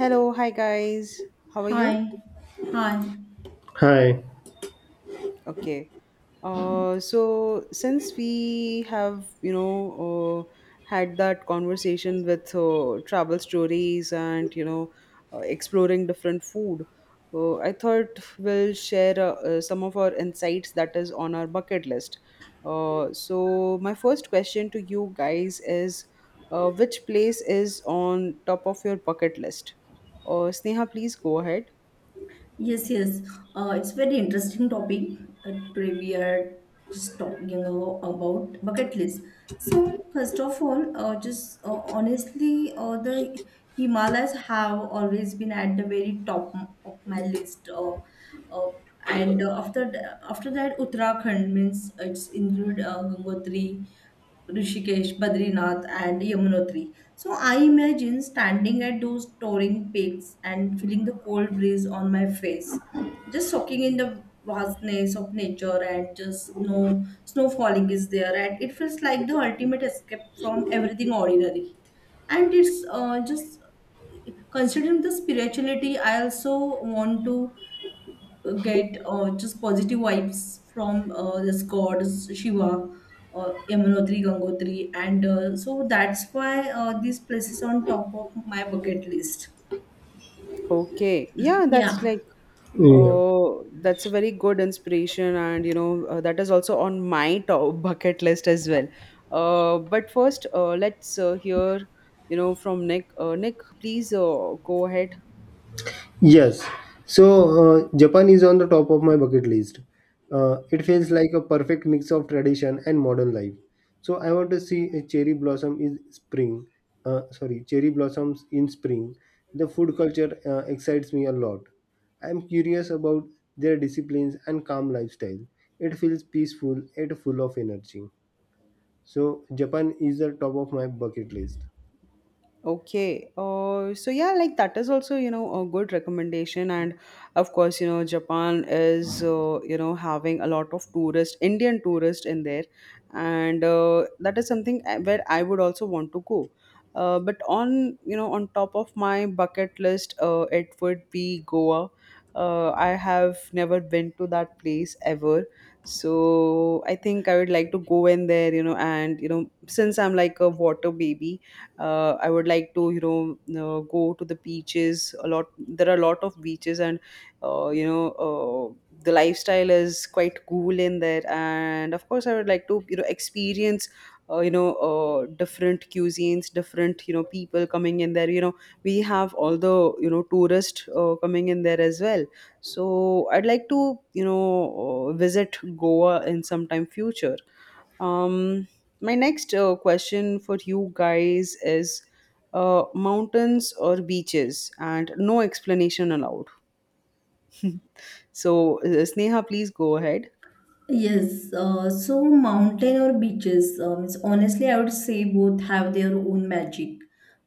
Hello, hi guys. How are you? Hi, hi. Hi. Okay. So since we have, had that conversation with travel stories and, exploring different food, I thought we'll share some of our insights that is on our bucket list. So my first question to you guys is, which place is on top of your bucket list? Sneha, please go ahead. Yes, yes. It's very interesting topic. Today we are just talking about bucket list. So first of all, just honestly, the Himalayas have always been at the very top of my list. Uh, and after after that, Uttarakhand means it's include Gangotri, Rishikesh, Badrinath, and Yamunotri. So I imagine standing at those towering peaks and feeling the cold breeze on my face, just soaking in the vastness of nature and just no snow falling is there, and it feels like the ultimate escape from everything ordinary. And it's just considering the spirituality. I also want to get just positive vibes from this god Shiva, Yamunotri, Gangotri, and so that's why these places on top of my bucket list. Okay. Yeah, Yeah. Yeah. That's a very good inspiration, and that is also on my top bucket list as well. But first let's hear, you know, from Nick. Nick, please go ahead. Yes. So, Japan is on the top of my bucket list. It feels like a perfect mix of tradition and modern life. So, I want to see a cherry blossom in spring. Sorry, cherry blossoms in spring. The food culture excites me a lot. I'm curious about their disciplines and calm lifestyle. It feels peaceful and full of energy. So, Japan is the top of my bucket list. Okay. So yeah, like that is also, you know, a good recommendation. And of course, you know, Japan is, you know, having a lot of tourist, Indian tourist in there. And that is something where I would also want to go. But on, you know, on top of my bucket list, it would be Goa. I have never been to that place ever. So I think I would like to go in there, you know, and, you know, since I'm like a water baby, I would like to, go to the beaches a lot. There are a lot of beaches, and uh, you know uh, the lifestyle is quite cool in there, and of course I would like to, you know, experience, different cuisines, different, you know, people coming in there. You know, we have all the, you know, tourists coming in there as well. So I'd like to, visit Goa in some time future. um, my next question for you guys is, mountains or beaches, and no explanation allowed. So, Sneha, please go ahead. Yes, so mountain or beaches, it's honestly, I would say both have their own magic.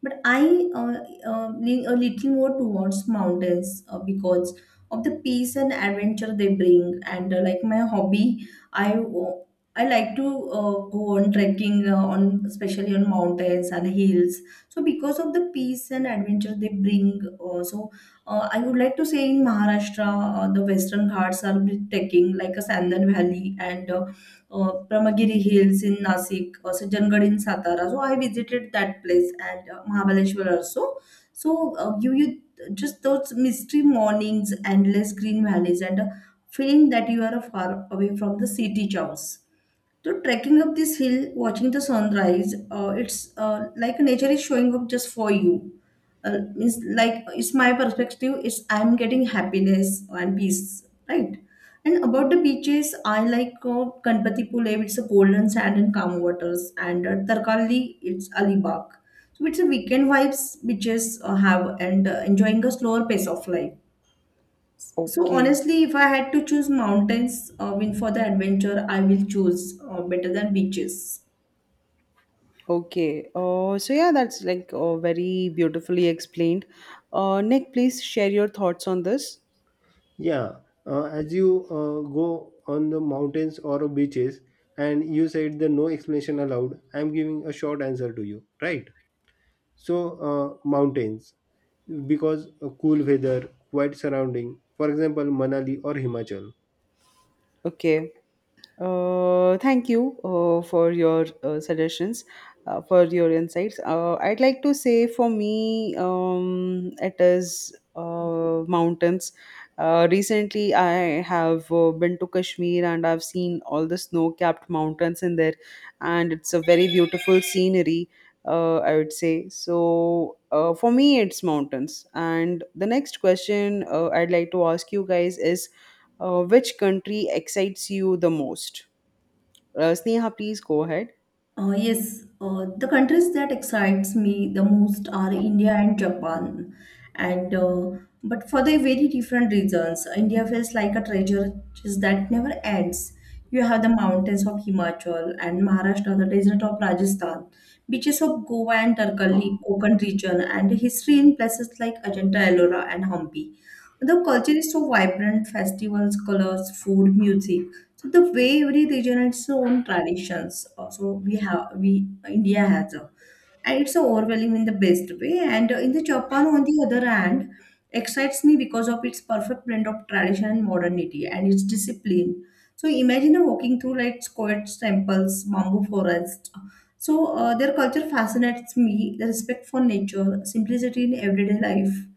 But I lean a little more towards mountains because of the peace and adventure they bring. And like my hobby, I like to go on trekking on especially on mountains and hills. So because of the peace and adventure they bring, I would like to say in Maharashtra, the Western Ghats are breathtaking, like a Sandan Valley and Brahmagiri Hills in Nasik, Sajjanad in Satara. So I visited that place and Mahabaleshwar also. So you you just those mystery mornings, endless green valleys, and a feeling that you are far away from the city chaos. So trekking up this hill, watching the sunrise, it's like nature is showing up just for you. Means like it's my perspective. It's I'm getting happiness and peace, right? And about the beaches, I like Kanpatipule. It's a golden sand and calm waters, and Tarkalli, it's Alibag. So it's a weekend vibes, beaches have and enjoying a slower pace of life. So Okay. honestly, if I had to choose mountains, I mean for the adventure, I will choose better than beaches. Okay. So yeah, that's like very beautifully explained. Nick, please share your thoughts on this. Yeah, as you go on the mountains or beaches, and you said the no explanation allowed, I'm giving a short answer to you, right? So, mountains, because cool weather, quiet surrounding, for example, Manali or Himachal. Okay. Thank you for your suggestions, for your insights. I'd like to say for me, it is mountains. Recently, I have been to Kashmir, and I've seen all the snow capped mountains in there, and it's a very beautiful scenery, I would say. So for me it's mountains. And the next question I'd like to ask you guys is, which country excites you the most? Sneha, please go ahead. Yes, the countries that excites me the most are India and Japan, and but for the very different reasons. India feels like a treasure just that never ends. You have the mountains of Himachal and Maharashtra, the desert of Rajasthan, beaches of Goa and Tarkali, Konkan region, and history in places like Ajanta Ellora and Hampi. The culture is so vibrant, festivals, colors, food, music, so the way every region has its own traditions. Also, we India has a, and it's overwhelming in the best way. And in the Japan, on the other hand, excites me because of its perfect blend of tradition and modernity and its discipline. So imagine walking through like squared temples, bamboo forests. So their culture fascinates me. The respect for nature, simplicity in everyday life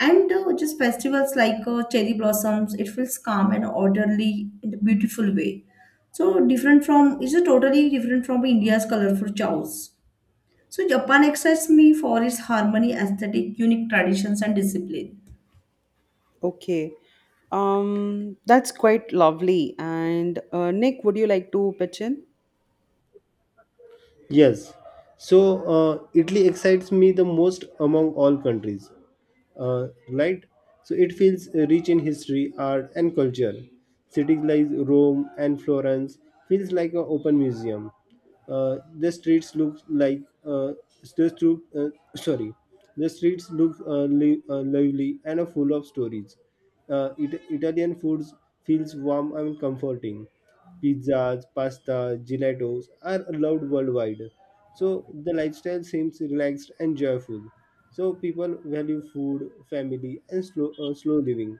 and just festivals like cherry blossoms, it feels calm and orderly in a beautiful way. So different from, it's a totally different from India's colorful chaos. So Japan excites me for its harmony, aesthetic, unique traditions and discipline. Okay. That's quite lovely. And Nick, would you like to pitch in? Yes. So Italy excites me the most among all countries. Right? So it feels rich in history, art, and culture. Cities like Rome and Florence feels like an open museum. The streets look like the stru- uh, sorry, the streets look lively and are full of stories. Italian foods feels warm and comforting pizzas, pasta, gelatos are allowed worldwide. So the lifestyle seems relaxed and joyful. So people value food, family, and slow living.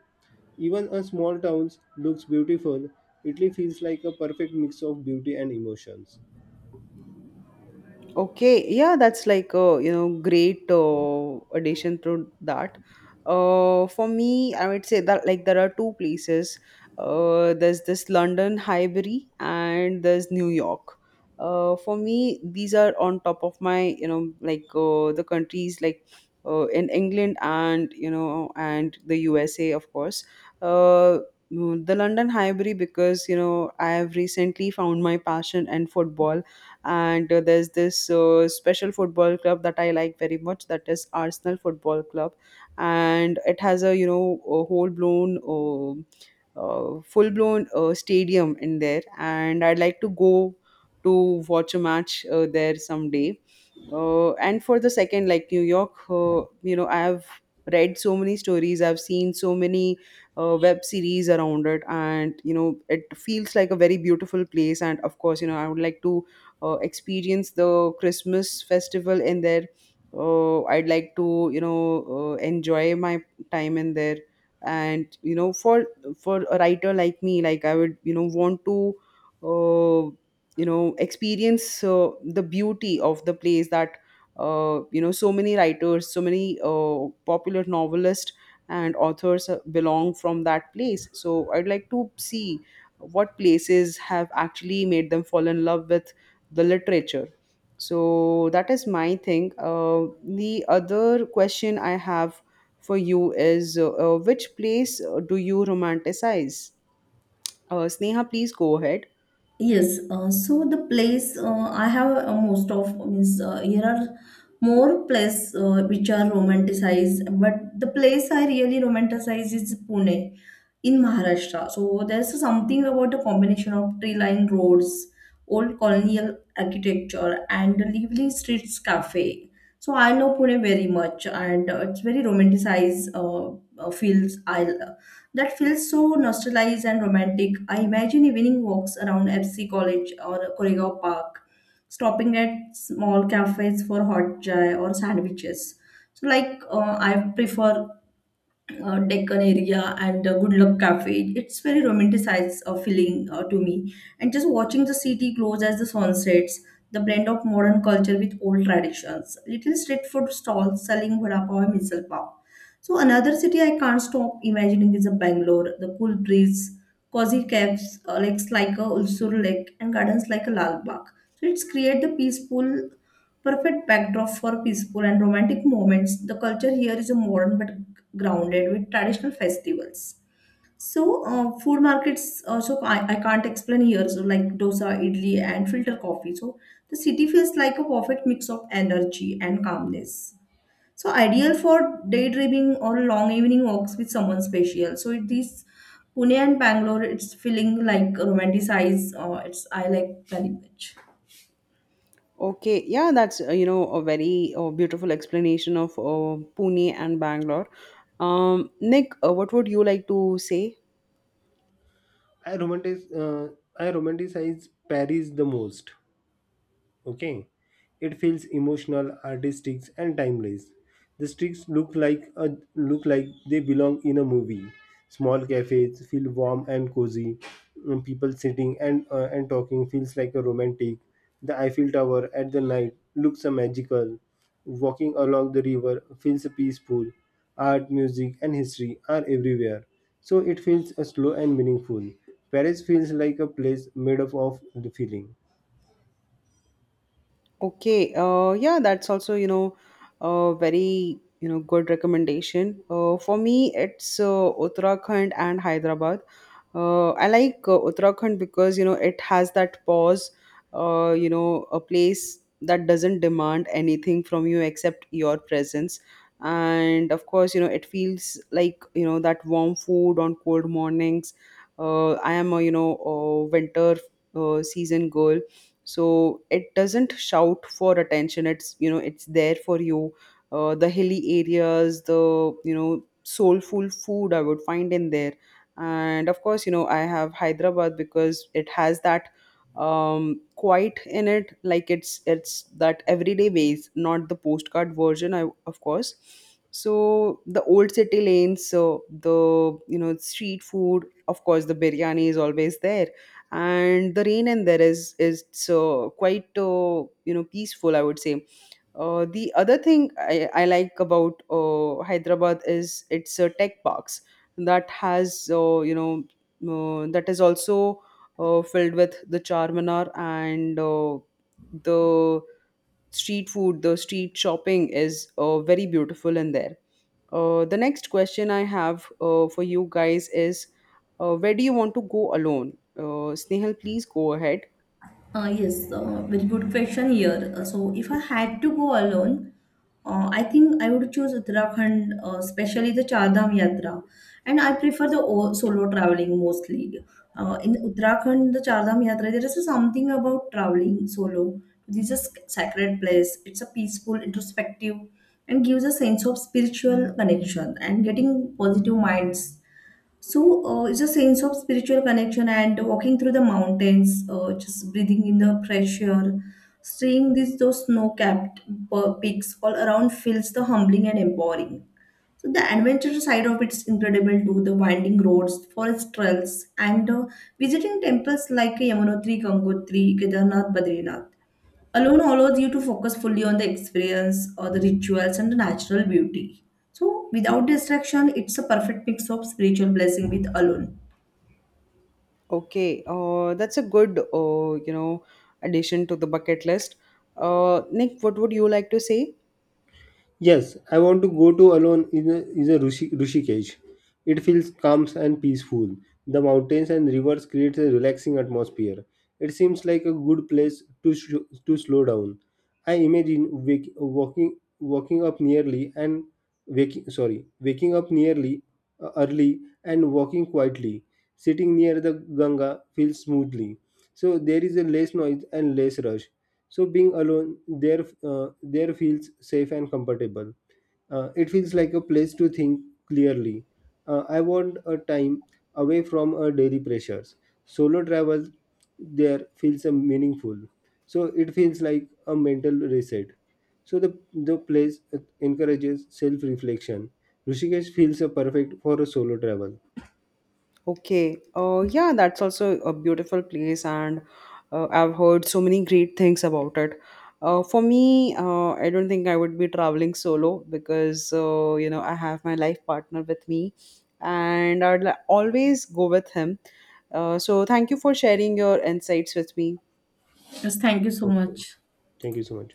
Even a small town looks beautiful. Italy feels like a perfect mix of beauty and emotions. Okay, yeah, that's like a, you know, great addition to that. For me, I would say that like there are two places. There's this London Highbury, and there's New York. For me, these are on top of my, you know, like the countries like in England, and, you know, and the USA, of course. Uh, the London Highbury, because, you know, I have recently found my passion in football, and there's this special football club that I like very much, that is Arsenal football club, and it has, a you know, a whole blown full blown stadium in there, and I'd like to go to watch a match there someday. And for the second, like New York, you know, I have read so many stories, I've seen so many web series around it, and, you know, it feels like a very beautiful place, and of course, you know, I would like to experience the Christmas festival in there. I'd like to, you know, enjoy my time in there. And, you know, for a writer like me, like I would, you know, want to, uh, experience the beauty of the place that, you know, so many writers, so many popular novelists and authors belong from that place. So I'd like to see what places have actually made them fall in love with the literature. So that is my thing. The other question I have for you is, which place do you romanticize? Sneha, please go ahead. Yes, so the place I have most of means here are more places which are romanticized, but the place I really romanticize is Pune in Maharashtra. So there's something about a combination of tree-lined roads, old colonial architecture, and the lively streets cafe. So I love Pune very much, and it's very romanticized feels I that feels so nostalgic and romantic. I imagine evening walks around FC College or Koregaon Park, stopping at small cafes for hot chai or sandwiches. So, like, I prefer Deccan area and Good Luck Cafe. It's very romanticized feeling to me. And just watching the city close as the sun sets, the blend of modern culture with old traditions. Little street food stalls selling vada pav and misal pav. So another city I can't stop imagining is a Bangalore. The cool breeze, cozy caves, lakes like a Ulsur Lake, and gardens like a Lal Bagh. So it's create the peaceful perfect backdrop for peaceful and romantic moments. The culture here is a modern but grounded with traditional festivals. So, food markets also I can't explain here. So, like dosa, idli, and filter coffee. So, the city feels like a perfect mix of energy and calmness. So, ideal for daydreaming or long evening walks with someone special. So, it is Pune and Bangalore. It's feeling like romanticized. It's I like very much. Okay, yeah, that's you know, a very beautiful explanation of Pune and Bangalore. Nick, what would you like to say? I romanticize, uh, I romanticize Paris the most. Okay, it feels emotional, artistic, and timeless. The streets look like a, look like they belong in a movie. Small cafes feel warm and cozy. And People sitting and talking feels like a romantic. The Eiffel Tower at the night looks a magical. Walking along the river feels peaceful. Art, music, and history are everywhere, so it feels slow and meaningful. Paris feels like a place made up of the feeling. Okay, yeah, that's also, you know, a very, you know, good recommendation. For me, it's Uttarakhand and Hyderabad. I like Uttarakhand because, you know, it has that pause, you know, a place that doesn't demand anything from you except your presence. And of course, you know, it feels like, you know, that warm food on cold mornings. I am a, you know, a winter season girl, so it doesn't shout for attention. It's, you know, it's there for you. The hilly areas, the, you know, soulful food I would find in there. And of course, you know, I have Hyderabad because it has that quite in it. Like, it's that everyday ways, not the postcard version I, of course. So the old city lanes, so the, you know, street food, of course the biryani is always there. And the rain in there is so quite, you know, peaceful, I would say. The other thing I like about Hyderabad is its tech parks, that has, that is also filled with the Charminar, and the street food, the street shopping is very beautiful in there. The next question I have for you guys is, where do you want to go alone? Snehal, please go ahead. Yes, very good question here. So, if I had to go alone, I think I would choose Uttarakhand, especially the Char Dham Yatra. And I prefer the solo traveling mostly. In Uttarakhand, the Char Dham Yatra, there is something about traveling solo. This is a sacred place. It's a peaceful, introspective, and gives a sense of spiritual connection and getting positive minds, so it's a sense of spiritual connection and walking through the mountains, just breathing in the fresh air, seeing these those snow-capped peaks all around feels the humbling and empowering. So the adventure side of it's incredible too. The winding roads, forest trails, and visiting temples like Yamunotri, Gangotri, Kedarnath, Badrinath alone allows you to focus fully on the experience or the rituals and the natural beauty. So, without distraction, it's a perfect mix of spiritual blessing with alone. Okay, that's a good, you know, addition to the bucket list. Nick, what would you like to say? Yes, I want to go to alone in a, is a Rushi, Rishikesh. It feels calm and peaceful. The mountains and rivers create a relaxing atmosphere. It seems like a good place to slow down. I imagine walking up nearly and waking sorry waking up nearly early and walking quietly. Sitting near the Ganga feels smoothly. So there is a less noise and less rush, so being alone there feels safe and comfortable. Uh, it feels like a place to think clearly. I want a time away from daily pressures. Solo travel there feels meaningful. So it feels like a mental reset. So the place encourages self reflection. Rishikesh feels perfect for a solo travel. Okay, yeah, that's also a beautiful place, and I've heard so many great things about it. For me, I don't think I would be traveling solo, because, you know, I have my life partner with me, and always go with him. So thank you for sharing your insights with me. Yes, thank you so Thank you. much. Thank you so much.